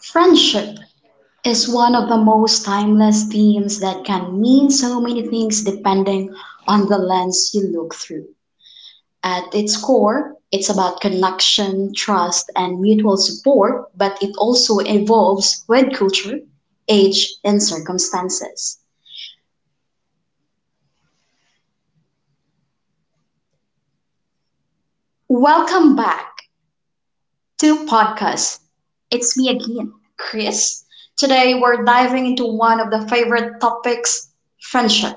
Friendship is one of the most timeless themes that can mean so many things depending on the lens you look through. At its core, it's about connection, trust, and mutual support, but it also evolves with culture, age, and circumstances. Welcome back to podcast. It's me again, Chris. Today we're diving into one of the favorite topics, friendship.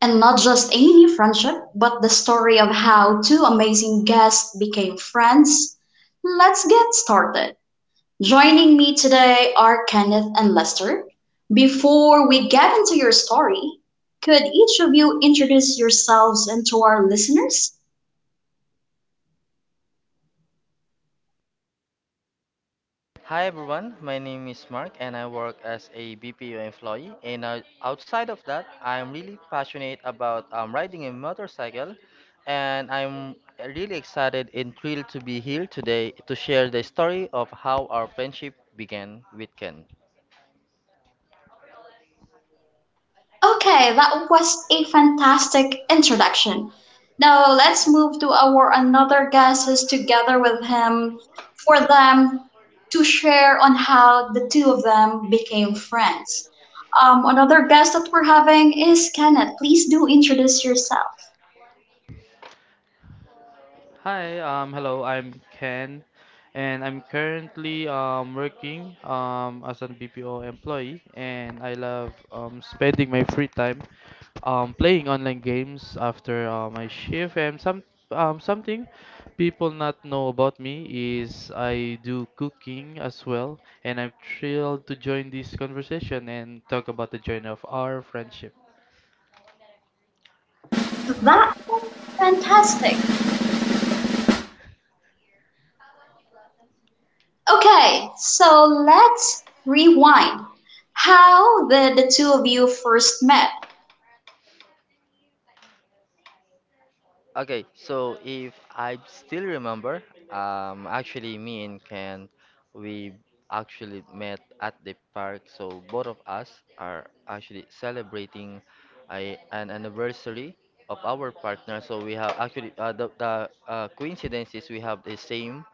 And not just any friendship, but the story of how two amazing guests became friends. Let's get started. Joining me today are Kenneth and Lester. Before we get into your story, could each of you introduce yourselves and to our listeners? Hi everyone, my name is Mark and I work as a BPO employee. And outside of that, I'm really passionate about riding a motorcycle and I'm really excited and thrilled to be here today to share the story of how our friendship began with Ken. Okay, that was a fantastic introduction. Now let's move to our another guests together with him for them to share on how the two of them became friends. Another guest that we're having is Kenneth. Please do introduce yourself. Hi, hello, I'm Ken, and I'm currently working as an BPO employee, and I love spending my free time playing online games after my shift. And something people not know about me is I do cooking as well, and I'm thrilled to join this conversation and talk about the journey of our friendship. That was fantastic. Okay, so let's rewind. How did the two of you first met? Okay, so if I still remember, actually me and Ken, we actually met at the park. So both of us are actually celebrating an anniversary of our partner. So we have actually the coincidence is we have the same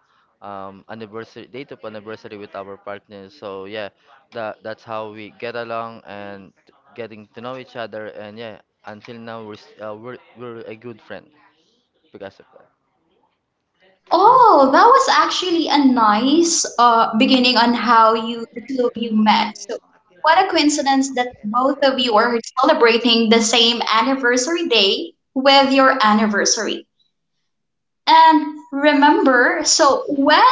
anniversary date of anniversary with our partner. So yeah, that's how we get along and getting to know each other. And yeah, until now we're a good friend because of that. Oh, that was actually a nice beginning on how you the two of you met. So, what a coincidence that both of you are celebrating the same anniversary day with your anniversary. And remember, so when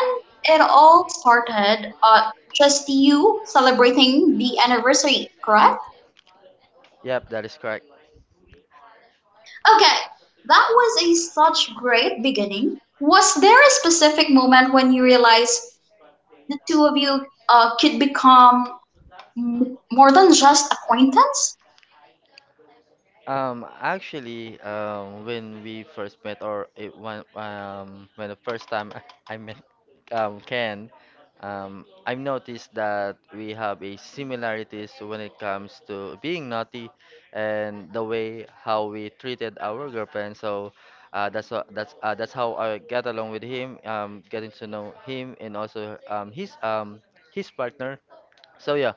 it all started, just you celebrating the anniversary, correct? Yep, that is correct. Okay, that was a such great beginning. Was there a specific moment when you realized the two of you could become more than just acquaintance. Actually, when we first met, or it, when the first time I met Ken, I've noticed that we have a similarities when it comes to being naughty and the way how we treated our girlfriend. So, that's what, that's how I get along with him, getting to know him and also his partner. So yeah,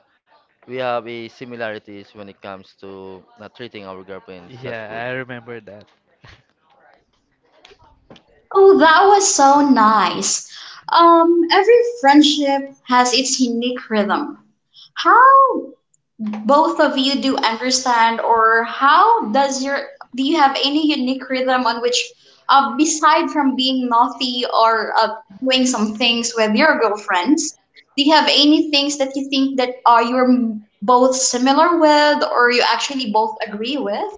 we have a similarities when it comes to treating our girlfriends as good. Yeah, I remember that. Oh, that was so nice. Every friendship has its unique rhythm. How both of you do understand or how does your do you have any unique rhythm on which beside from being naughty or doing some things with your girlfriends do you have any things that you think that are you're both similar with or you actually both agree with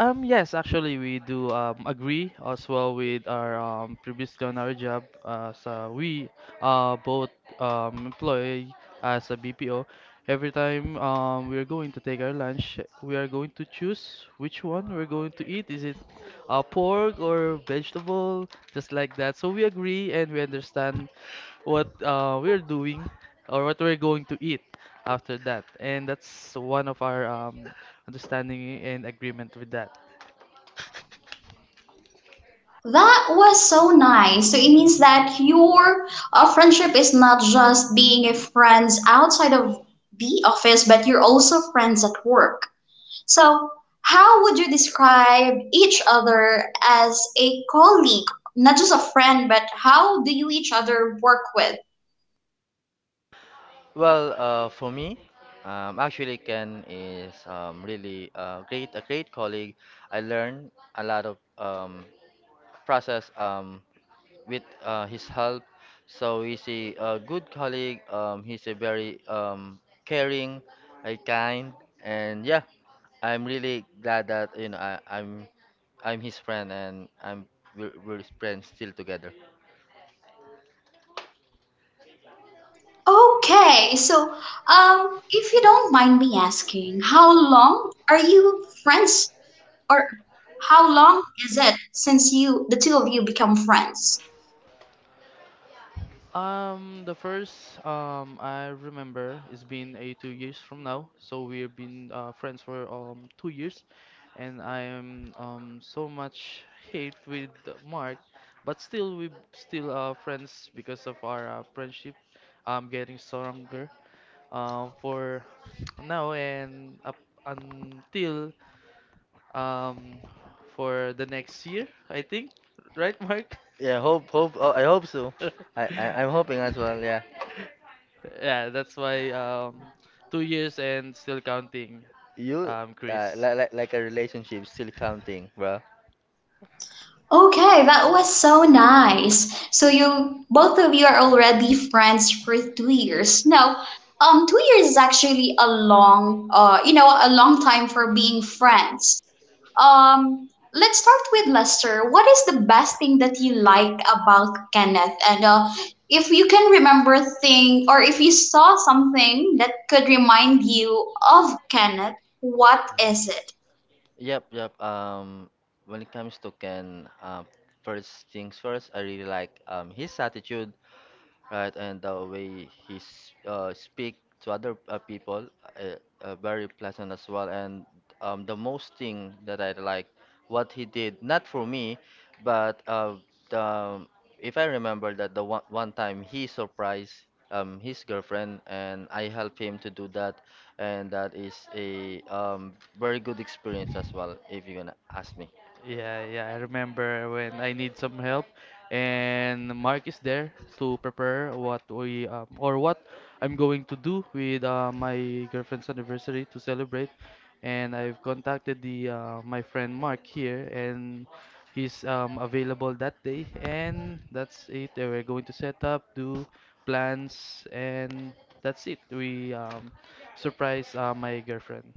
Yes, actually, we do agree as well with our previous culinary job. So we both employ as a BPO. Every time we are going to take our lunch, we are going to choose which one we're going to eat. Is it pork or vegetable? Just like that. So we agree and we understand what we're doing or what we're going to eat after that. And that's one of our understanding and agreement with that. that was so nice. So it means that your friendship is not just being a friends outside of the office, but you're also friends at work. So, how would you describe each other as a colleague? Not just a friend, but how do you each other work with? Well, for me, actually Ken is really great, a great colleague. I learned a lot of process. With his help. So he's a, good colleague. He's a very caring, kind, and yeah, I'm really glad that I'm his friend and we're friends still together. Okay, so if you don't mind me asking, how long are you friends, or how long is it since you the two of you become friends? The first I remember is been a 2 years from now, so we've been friends for 2 years, and I'm so much hate with Mark, but still we still are friends because of our friendship, getting stronger for now and up until um for the next year I think, right Mark? Yeah, I hope so. I'm hoping as well. Yeah, Yeah, that's why 2 years and still counting, you uh, Chris. like like like a relationship still counting, bro. Okay, that was so nice. So you both of you are already friends for 2 years. Now, 2 years is actually a long, you know, a long time for being friends. Let's start with Lester. What is the best thing that you like about Kenneth? And if you can remember thing, or if you saw something that could remind you of Kenneth, what is it? Yep, yep. When it comes to Ken, first things first, I really like his attitude. Right? And the way he speak to other people, uh, very pleasant as well. And the most thing that I like, what he did, not for me, but the, if I remember that the one time he surprised his girlfriend, and I helped him to do that, and that is a very good experience as well, if you're gonna ask me. Yeah, yeah, I remember when I need some help, and Mark is there to prepare what we or what I'm going to do with my girlfriend's anniversary to celebrate. And I've contacted the my friend Mark here, and he's available that day. And that's it. They We're going to set up, do plans, and that's it. We surprise my girlfriend.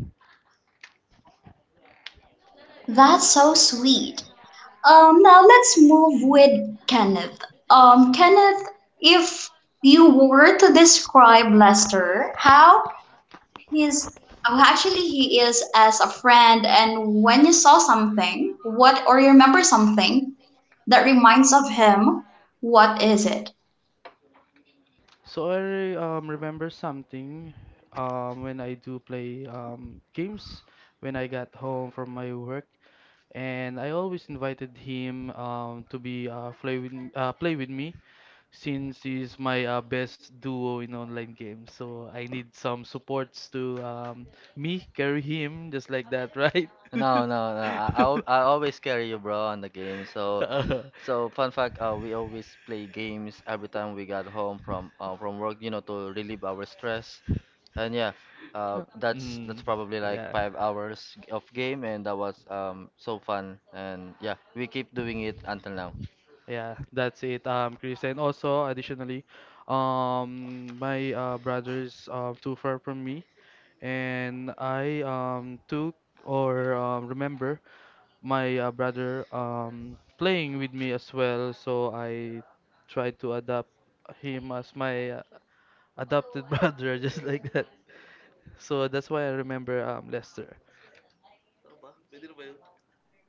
That's so sweet. Now let's move with Kenneth. Kenneth, if you were to describe Lester, how he's how actually he is as a friend, and when you saw something, what or you remember something that reminds of him, what is it? So I remember something when I do play games when I got home from my work, and I always invited him to be play with play with me since he's my best duo in online games. So I need some supports to me carry him just like that, right? No, no, no. I always carry you, bro, on the game. So, Uh, so fun fact, we always play games every time we got home from work, you know, to relieve our stress. And yeah, that's mm, probably like yeah. 5 hours of game, and that was so fun. And yeah, we keep doing it until now. Yeah, that's it, Chris. And also, additionally, my brothers too far from me, and I took or remember my brother playing with me as well. So I tried to adopt him as my adopted brother, just like that. So that's why I remember Lester.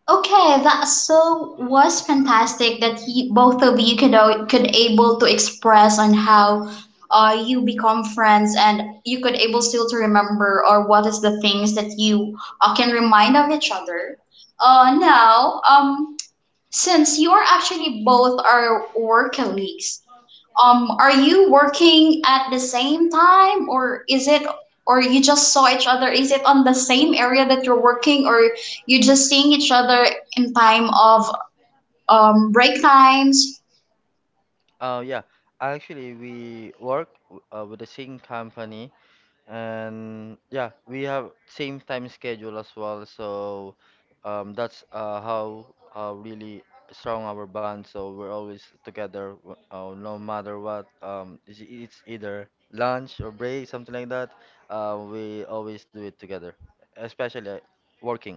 Okay, that so was fantastic that you, both of you could could able to express on how you become friends and you could able still to remember or what is the things that you can remind of each other. Uh, now, um, since you're actually both are work colleagues, are you working at the same time, or is it, or you just saw each other? Is it on the same area that you're working, or you just seeing each other in time of break times? Yeah, actually, we work with the same company. And yeah, we have same time schedule as well. So that's how really strong our band. So we're always together, no matter what. It's either lunch or break, something like that. We always do it together, especially working.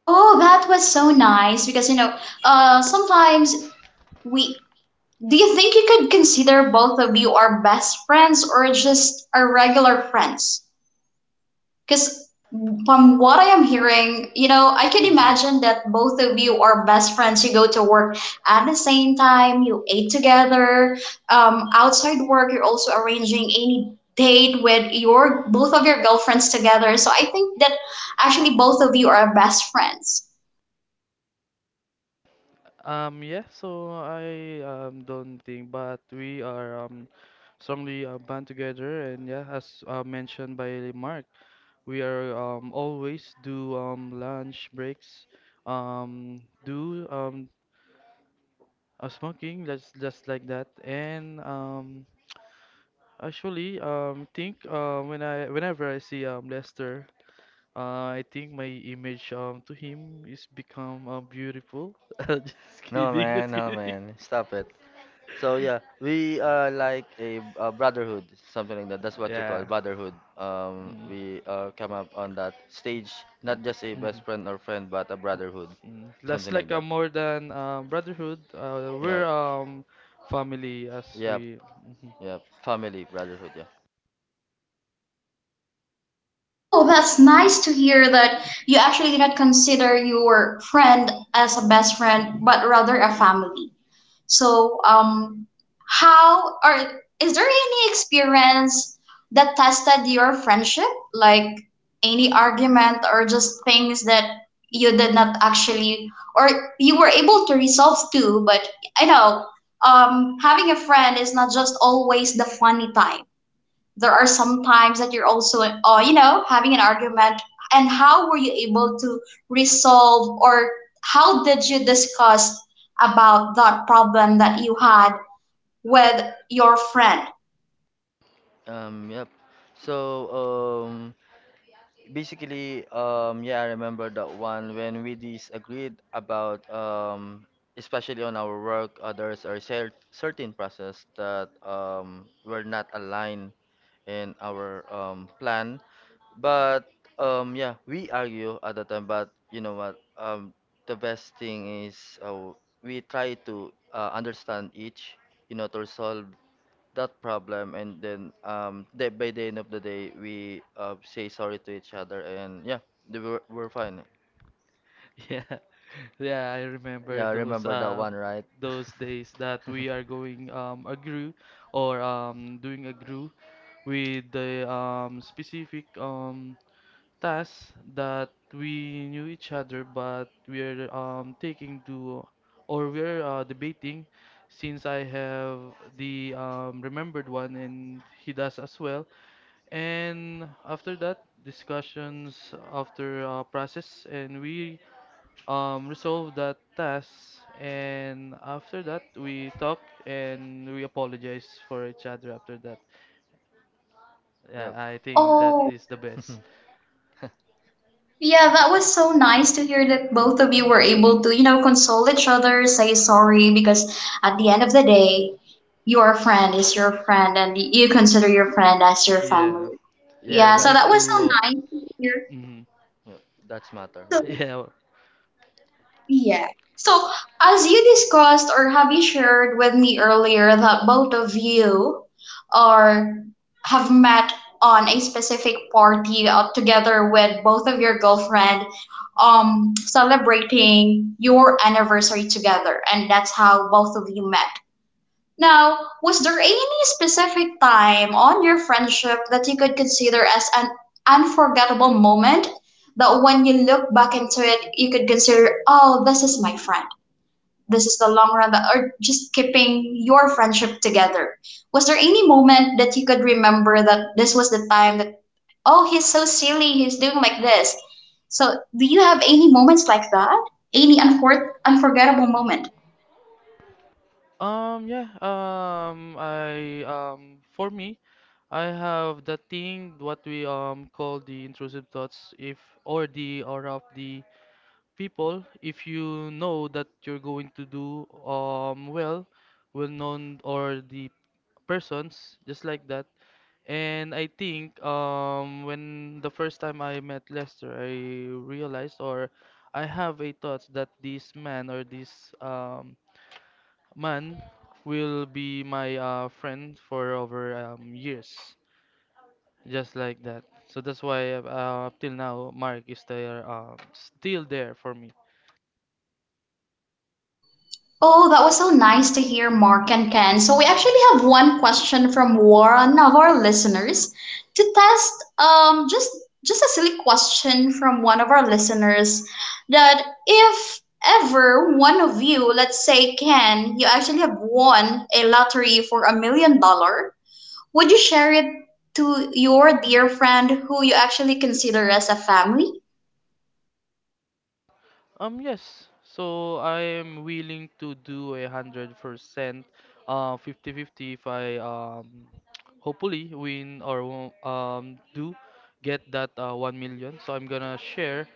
Oh, that was so nice because you know, sometimes we. Do you think you could consider both of you are best friends or just are regular friends? Because from what I am hearing, you know, I can Hmm. imagine that both of you are best friends. You go to work at the same time, you ate together. Outside work, you're also arranging any date with your both of your girlfriends together. So I think that actually both of you are best friends. Yeah, so I don't think, but we are strongly band together, and yeah, as mentioned by Mark, we are always do lunch breaks, do smoking, just like that, and actually think when I whenever I see Lester. I think my image to him is become beautiful. Just No kidding, just man, no kidding. man, stop it. So yeah, we are like a brotherhood, something like that. That's what you call Yeah. brotherhood. Mm. We come up on that stage, Mm. not just a Mm. best friend or friend, but a brotherhood, That's something like like a that. more than brotherhood. Yeah, We're family as yep, we. Mhm. yep. Family brotherhood. Yeah. Oh, that's nice to hear that you actually do not consider your friend as a best friend, but rather a family. So, how or is there any experience that tested your friendship, like any argument or just things that you did not actually or you were able to resolve too? But I know having a friend is not just always the funny time there are some times that you're also you know having an argument and how were you able to resolve or how did you discuss about that problem that you had with your friend. Um, yep. So um, Basically, yeah, I remember that one when we disagreed about, especially on our work, others are certain process that were not aligned in our plan. But yeah, we argue at the time. But you know what? The best thing is we try to understand each, you know, to resolve that problem, and then by the end of the day we say sorry to each other. And yeah, we're fine. Yeah, yeah. I remember Yeah, remember that one, right? those days that we are going a group or doing a group with the specific tasks that we knew each other, but we're taking to or we're debating since I have the remembered one and he does as well. And after that, discussions after process, and we resolve that task. And after that, we talk and we apologize for each other after that. Yeah, Yep. I think that is Oh, the best. yeah, that was so nice to hear that both of you were able to you know console each other say sorry because at the end of the day your friend is your friend and you consider your friend as your Yeah, family. yeah, Yep, Yeah, we that so is, need that yeah. was so to nice to hear. hmm Yep, that's matter, yeah. So yeah. yeah. So, as you discussed or have you shared with me earlier that both of you are have met on a specific party together with both of your girlfriend celebrating your anniversary together and that's how both of you met. Now, was there any specific time on your friendship that you could consider as an unforgettable moment that when you look back into it, you could consider, oh, this is my friend. This is the long run that or just keeping your friendship together. Was there any moment that you could remember that this was the time that, oh, he's so silly, he's doing like this. So, do you have any moments like that? Any unforgettable moment? Yeah. I for me, I have the thing what we call the intrusive thoughts if or the or of the people if you know that you're going to do well known or the persons just like that, and I think when the first time I met Lester I realized or I have a thought that this man or this um man will be my friend for over years, just like that. So that's why up till now Mark is there, still there for me. Oh, that was so nice to hear, Mark and Ken. So, we actually have one question from one of our listeners to test just a silly question from one of our listeners that if ever one of you, let's say Ken, you actually have won a lottery for a million dollars, would you share it to your dear friend who you actually consider as a family? Yes. So I am willing to do 100%, 50 fifty if I hopefully win or wo- do get that 1 million. So I'm gonna share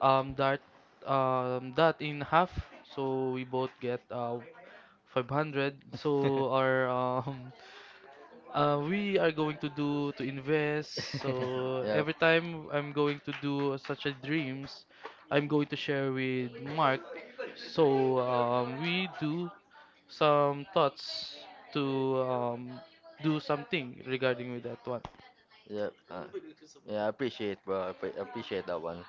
um that that in half. So we both get 500 so our we are going to do to invest, so Yep, every time I'm going to do such a dreams I'm going to share with Mark, so we do some thoughts to do something regarding with that one. yep, yeah, I appreciate, bro. Appreciate that one.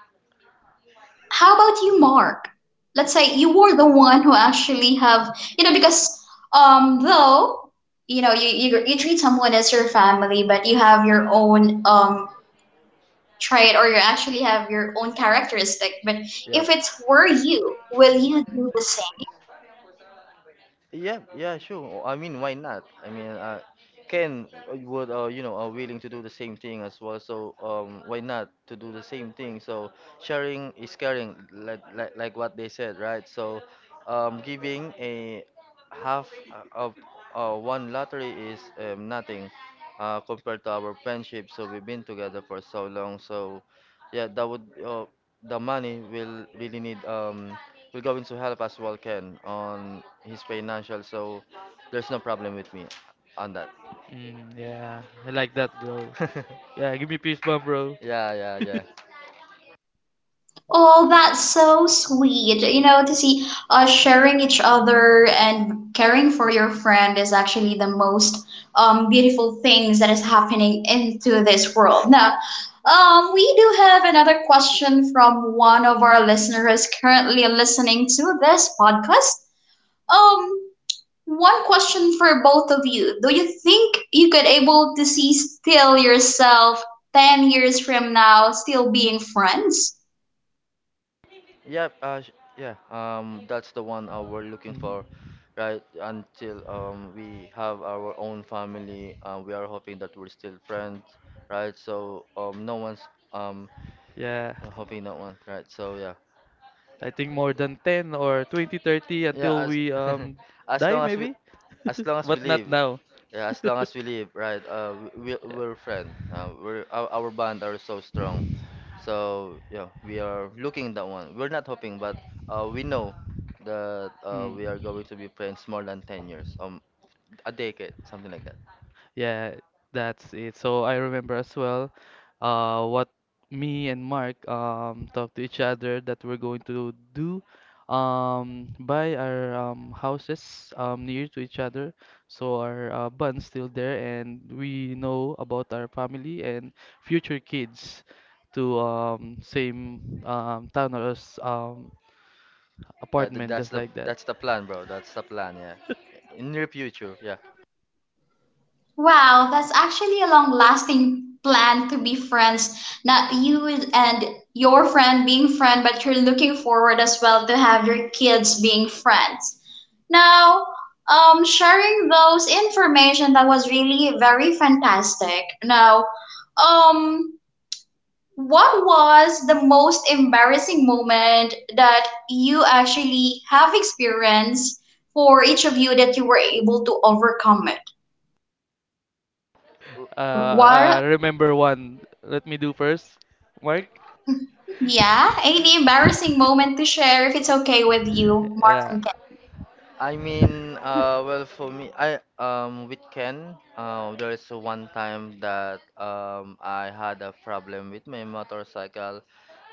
How about you, Mark? Let's say you were the one who actually have you know because though you know you treat someone as your family but you have your own trait or you actually have your own characteristic but if Yep. it's were you will you do the same. Yeah, yeah, sure. Oh, I mean, why not? I mean, Ken would, you know, are willing to do the same thing as well. So, why not to do the same thing? So, sharing is caring, like what they said, right? So, giving a half of one lottery is nothing compared to our friendship. So we've been together for so long. So, yeah, that would the money will really need we're going to help as well Ken on his financial, so there's no problem with me on that. Yeah, I like that, bro. Yeah, give me peace bomb, bro. Yeah, yeah, yeah. Oh, that's so sweet. You know, to see sharing each other and caring for your friend is actually the most beautiful things that is happening into this world. Now, we do have another question from one of our listeners currently listening to this podcast. Um, One question for both of you. Do you think you could able to see still yourself 10 years from now still being friends? Yep, yeah, that's the one we're looking Mhm. for, right? Until we have our own family, we are hoping that we're still friends, right? So no one's um Yeah, hoping no one, right? So yeah. I think more than 10 or 20, 30 Yeah, until as we as die long as we maybe. as long as we But not live. now. Yeah, as long as we live, right? Yeah. We're friend. We're our bond are so strong. So yeah, we are looking that one. We're not hoping, but we know that Hmm. we are going to be friends more than 10 years, a decade, something like that. Yeah, that's it. So I remember as well, what me and Mark talked to each other, that we're going to do, by our houses near to each other. So our bond's still there, and we know about our family and future kids to same town or Yeah, apartment, just like that. that's the plan, bro. That's the plan. Yeah, in near future. Yeah. Wow, that's actually a long lasting plan to be friends. Not you and your friend being friend, but you're looking forward as well to have your kids being friends. Now, sharing those information that was really very fantastic. Now, um, what was the most embarrassing moment that you actually have experienced for each of you that you were able to overcome it? Or I what. remember one. Let me do first. Mark? Yeah, any embarrassing moment to share if it's okay with you, Mark Yeah. and Ken. I mean, well, for me, I with Ken, there is one time that I had a problem with my motorcycle,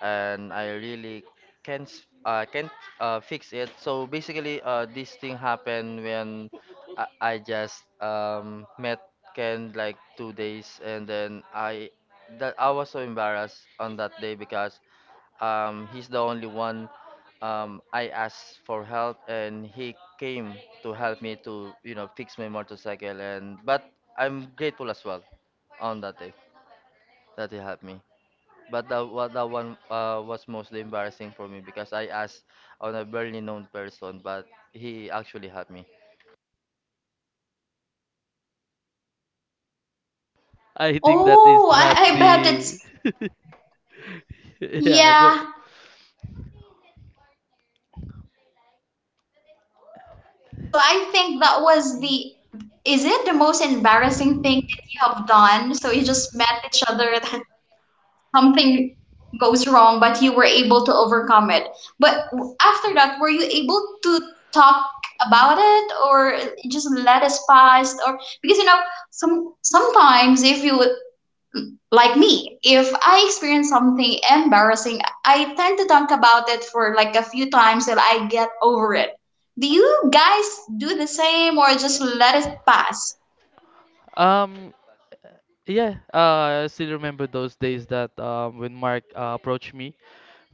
and I really can't fix it. So basically, this thing happened when I, I just met Ken like two days, and then I was so embarrassed on that day because. He's the only one I asked for help, and he came to help me to, you know, fix my motorcycle. And but I'm grateful as well on that day that he helped me. But that one was mostly embarrassing for me because I asked on a barely known person, but he actually helped me. I think that is Oh, not I bet the. it's. Yeah, go. Yeah, so I think that was the. Is it the most embarrassing thing that you have done? So you just met each other that something goes wrong, but you were able to overcome it. But after that, were you able to talk about it or you just let it pass? Or because you know, some sometimes if you like me, if I experience something embarrassing, I tend to talk about it for like a few times till I get over it. Do you guys do the same or just let it pass? Um, yeah, I still remember those days that when Mark approached me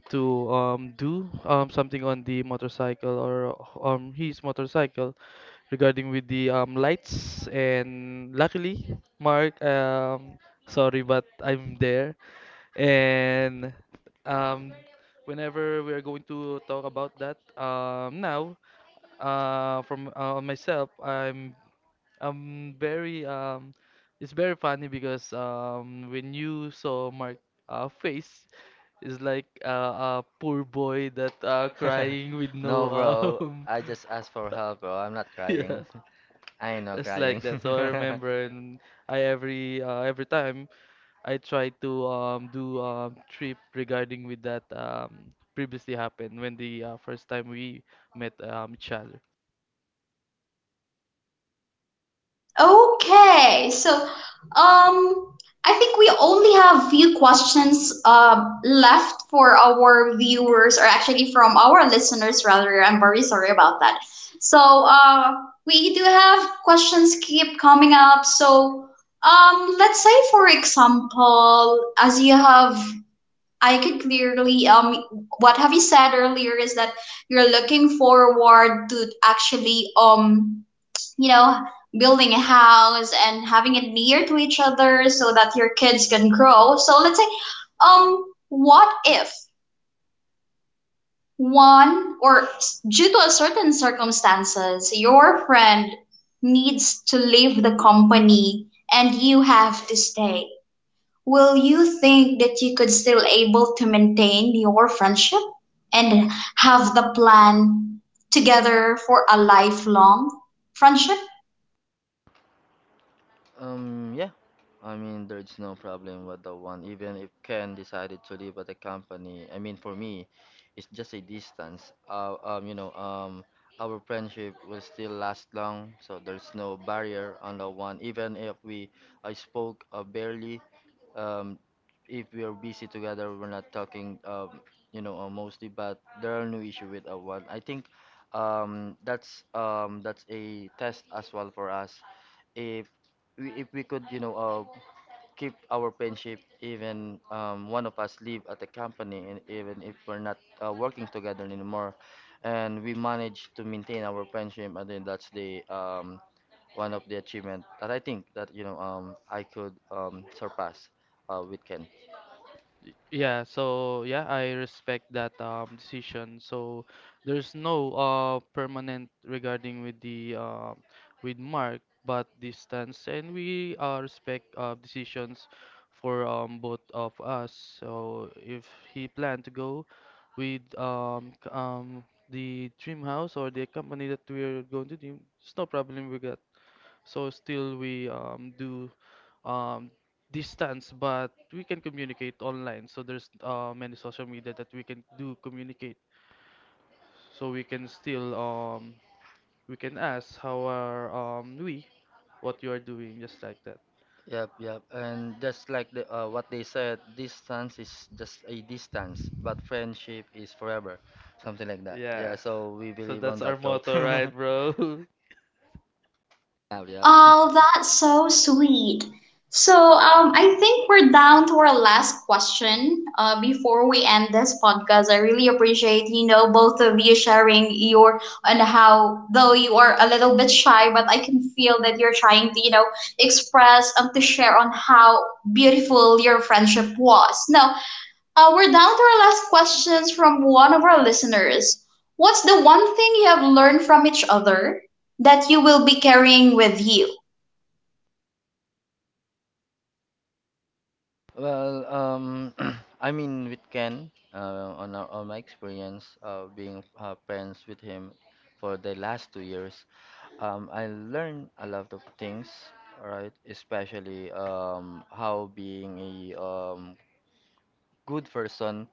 to do something on the motorcycle or his motorcycle regarding with the lights. And luckily, Mark, sorry, but I'm there. And um, whenever we are going to talk about that, now, from on myself, I'm very it's very funny because when you saw my face, it's like a poor boy that crying with No, no bro, um, I just asked for help, bro. I'm not yeah, crying. I know it's like crying. that. So I remember, and I every every time. I try to do trip regarding with that previously happened when the first time we met each other. Okay, so I think we only have few questions left for our viewers, or actually from our listeners, rather. I'm very sorry about that. So we do have questions keep coming up. So let's say, for example, as you have, I could clearly what have you said earlier is that you're looking forward to actually you know, building a house and having it near to each other so that your kids can grow. So let's say, what if one or due to a certain circumstances, your friend needs to leave the company and you have to stay? Will you think that you could still able to maintain your friendship and have the plan together for a lifelong friendship? Yeah. I mean, there's no problem with the one. Even if Ken decided to leave at the company, I mean, for me, it's just a distance. You know, our friendship will still last long, so there's no barrier on the one. Even if we, I spoke barely. Um, if we are busy together, we're not talking. You know, mostly, but there are no issue with a one. I think, that's a test as well for us if if we could, you know, keep our friendship, even one of us live at the company, and even if we're not working together anymore, and we manage to maintain our friendship, I think that's the one of the achievement that I think that you know I could surpass with Ken. Yeah, so yeah, I respect that decision. So there's no permanent regarding with Mark, but distance, and we respect decisions for both of us. So if he planned to go with the dream house or the company that we're going to do, it's no problem with that. So still we do um, distance, but we can communicate online. So there's many social media that we can do communicate. So we can still we can ask how are we what you are doing, just like that. Yep, yep. And just like the, what they said, distance is just a distance, but friendship is forever, something like that. Yeah, Yeah. so we So believe on that's our that quote. motto, right, bro? Yeah, yeah. Oh, that's so sweet. So, I think we're down to our last question. Before we end this podcast, I really appreciate you know both of you sharing your and how though you are a little bit shy, but I can feel that you're trying to you know express and to share on how beautiful your friendship was. Now, we're down to our last questions from one of our listeners. What's the one thing you have learned from each other that you will be carrying with you? Well, I mean, with Ken, on our, on my experience of being friends with him for the last 2 years, I learned a lot of things, right? Especially how being a good person,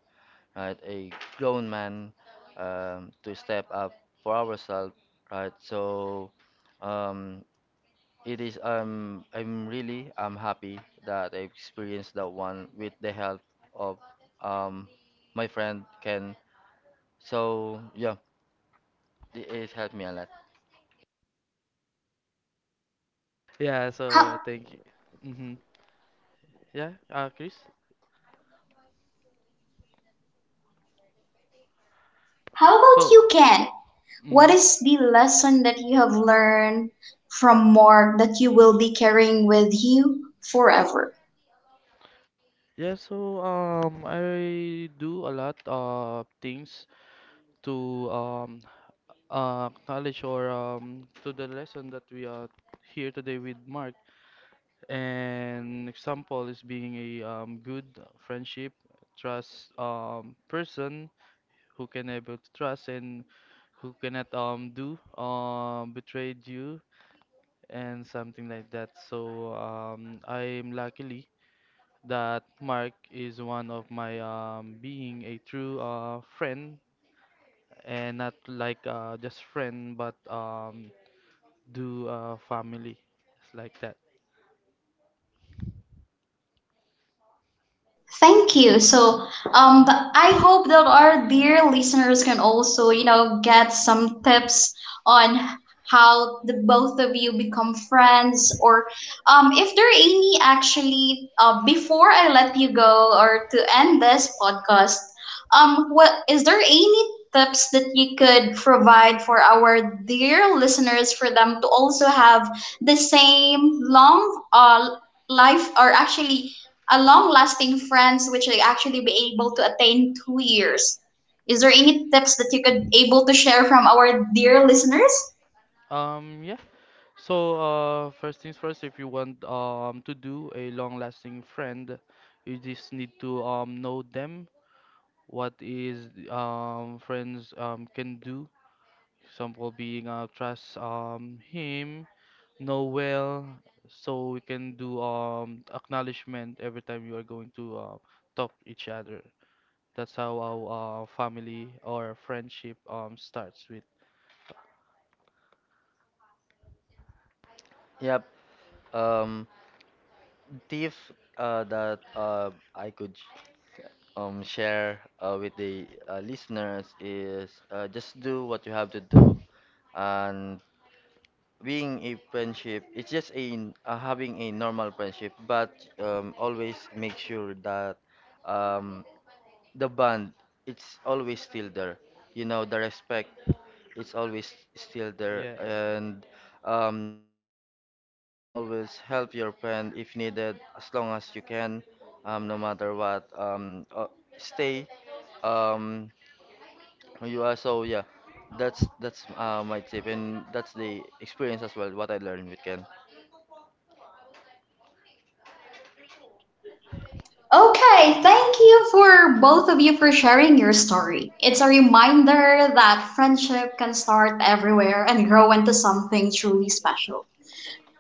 right? A grown man, to step up for ourselves, right? So, um, it is I'm really I'm happy that I experienced that one with the help of um my friend Ken. So yeah, it has helped me a lot. Yeah. How, So thank you. Mhm. Yeah. Chris. how about you, So. Ken? What Mhm. is the lesson that you have learned from Mark that you will be carrying with you forever? Yeah. So I do a lot of things to um knowledge or to the lesson that we are here today with Mark. An example is being a good friendship, trust person who can able to trust and who cannot do betrayed you and something like that. So I'm luckily that Mark is one of my being a true friend and not like just friend but do family, it's like that. Thank you. So, but I hope that our dear listeners can also, you know, get some tips on how the both of you become friends, or if there are any actually, before I let you go or to end this podcast, what is there any tips that you could provide for our dear listeners for them to also have the same long life or actually a long lasting friends which they actually be able to attain 2 years? Is there any tips that you could able to share from our dear listeners? Yeah, so first things first, if you want to do a long lasting friend you just need to know them, what is friends can do, example being trust him, know well, so we can do acknowledgement every time you are going to talk each other, that's how our family or friendship starts with. Yep. Um tip that I could share with the listeners is just do what you have to do. And being a friendship, it's just a having a normal friendship, but always make sure that um the bond, it's always still there, you know, the respect, it's always still there. Yeah. And know your limitation, always help your friend if needed, as long as you can, no matter what, stay um, you are, so yeah, that's my tip, and that's the experience as well what I learned with Ken. Okay, thank you for both of you for sharing your story. It's a reminder that friendship can start everywhere and grow into something truly special.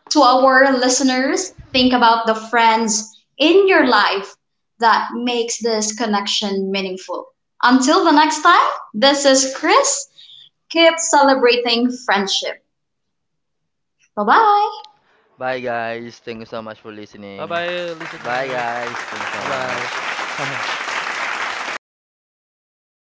To our listeners, think about the friends in your life that makes this connection meaningful. Until the next time, this is Chris. Keep celebrating friendship. Bye-bye. Bye guys, thank you so much for Bye listening. bye, listeners. Bye guys, Bye thank you bye. so much.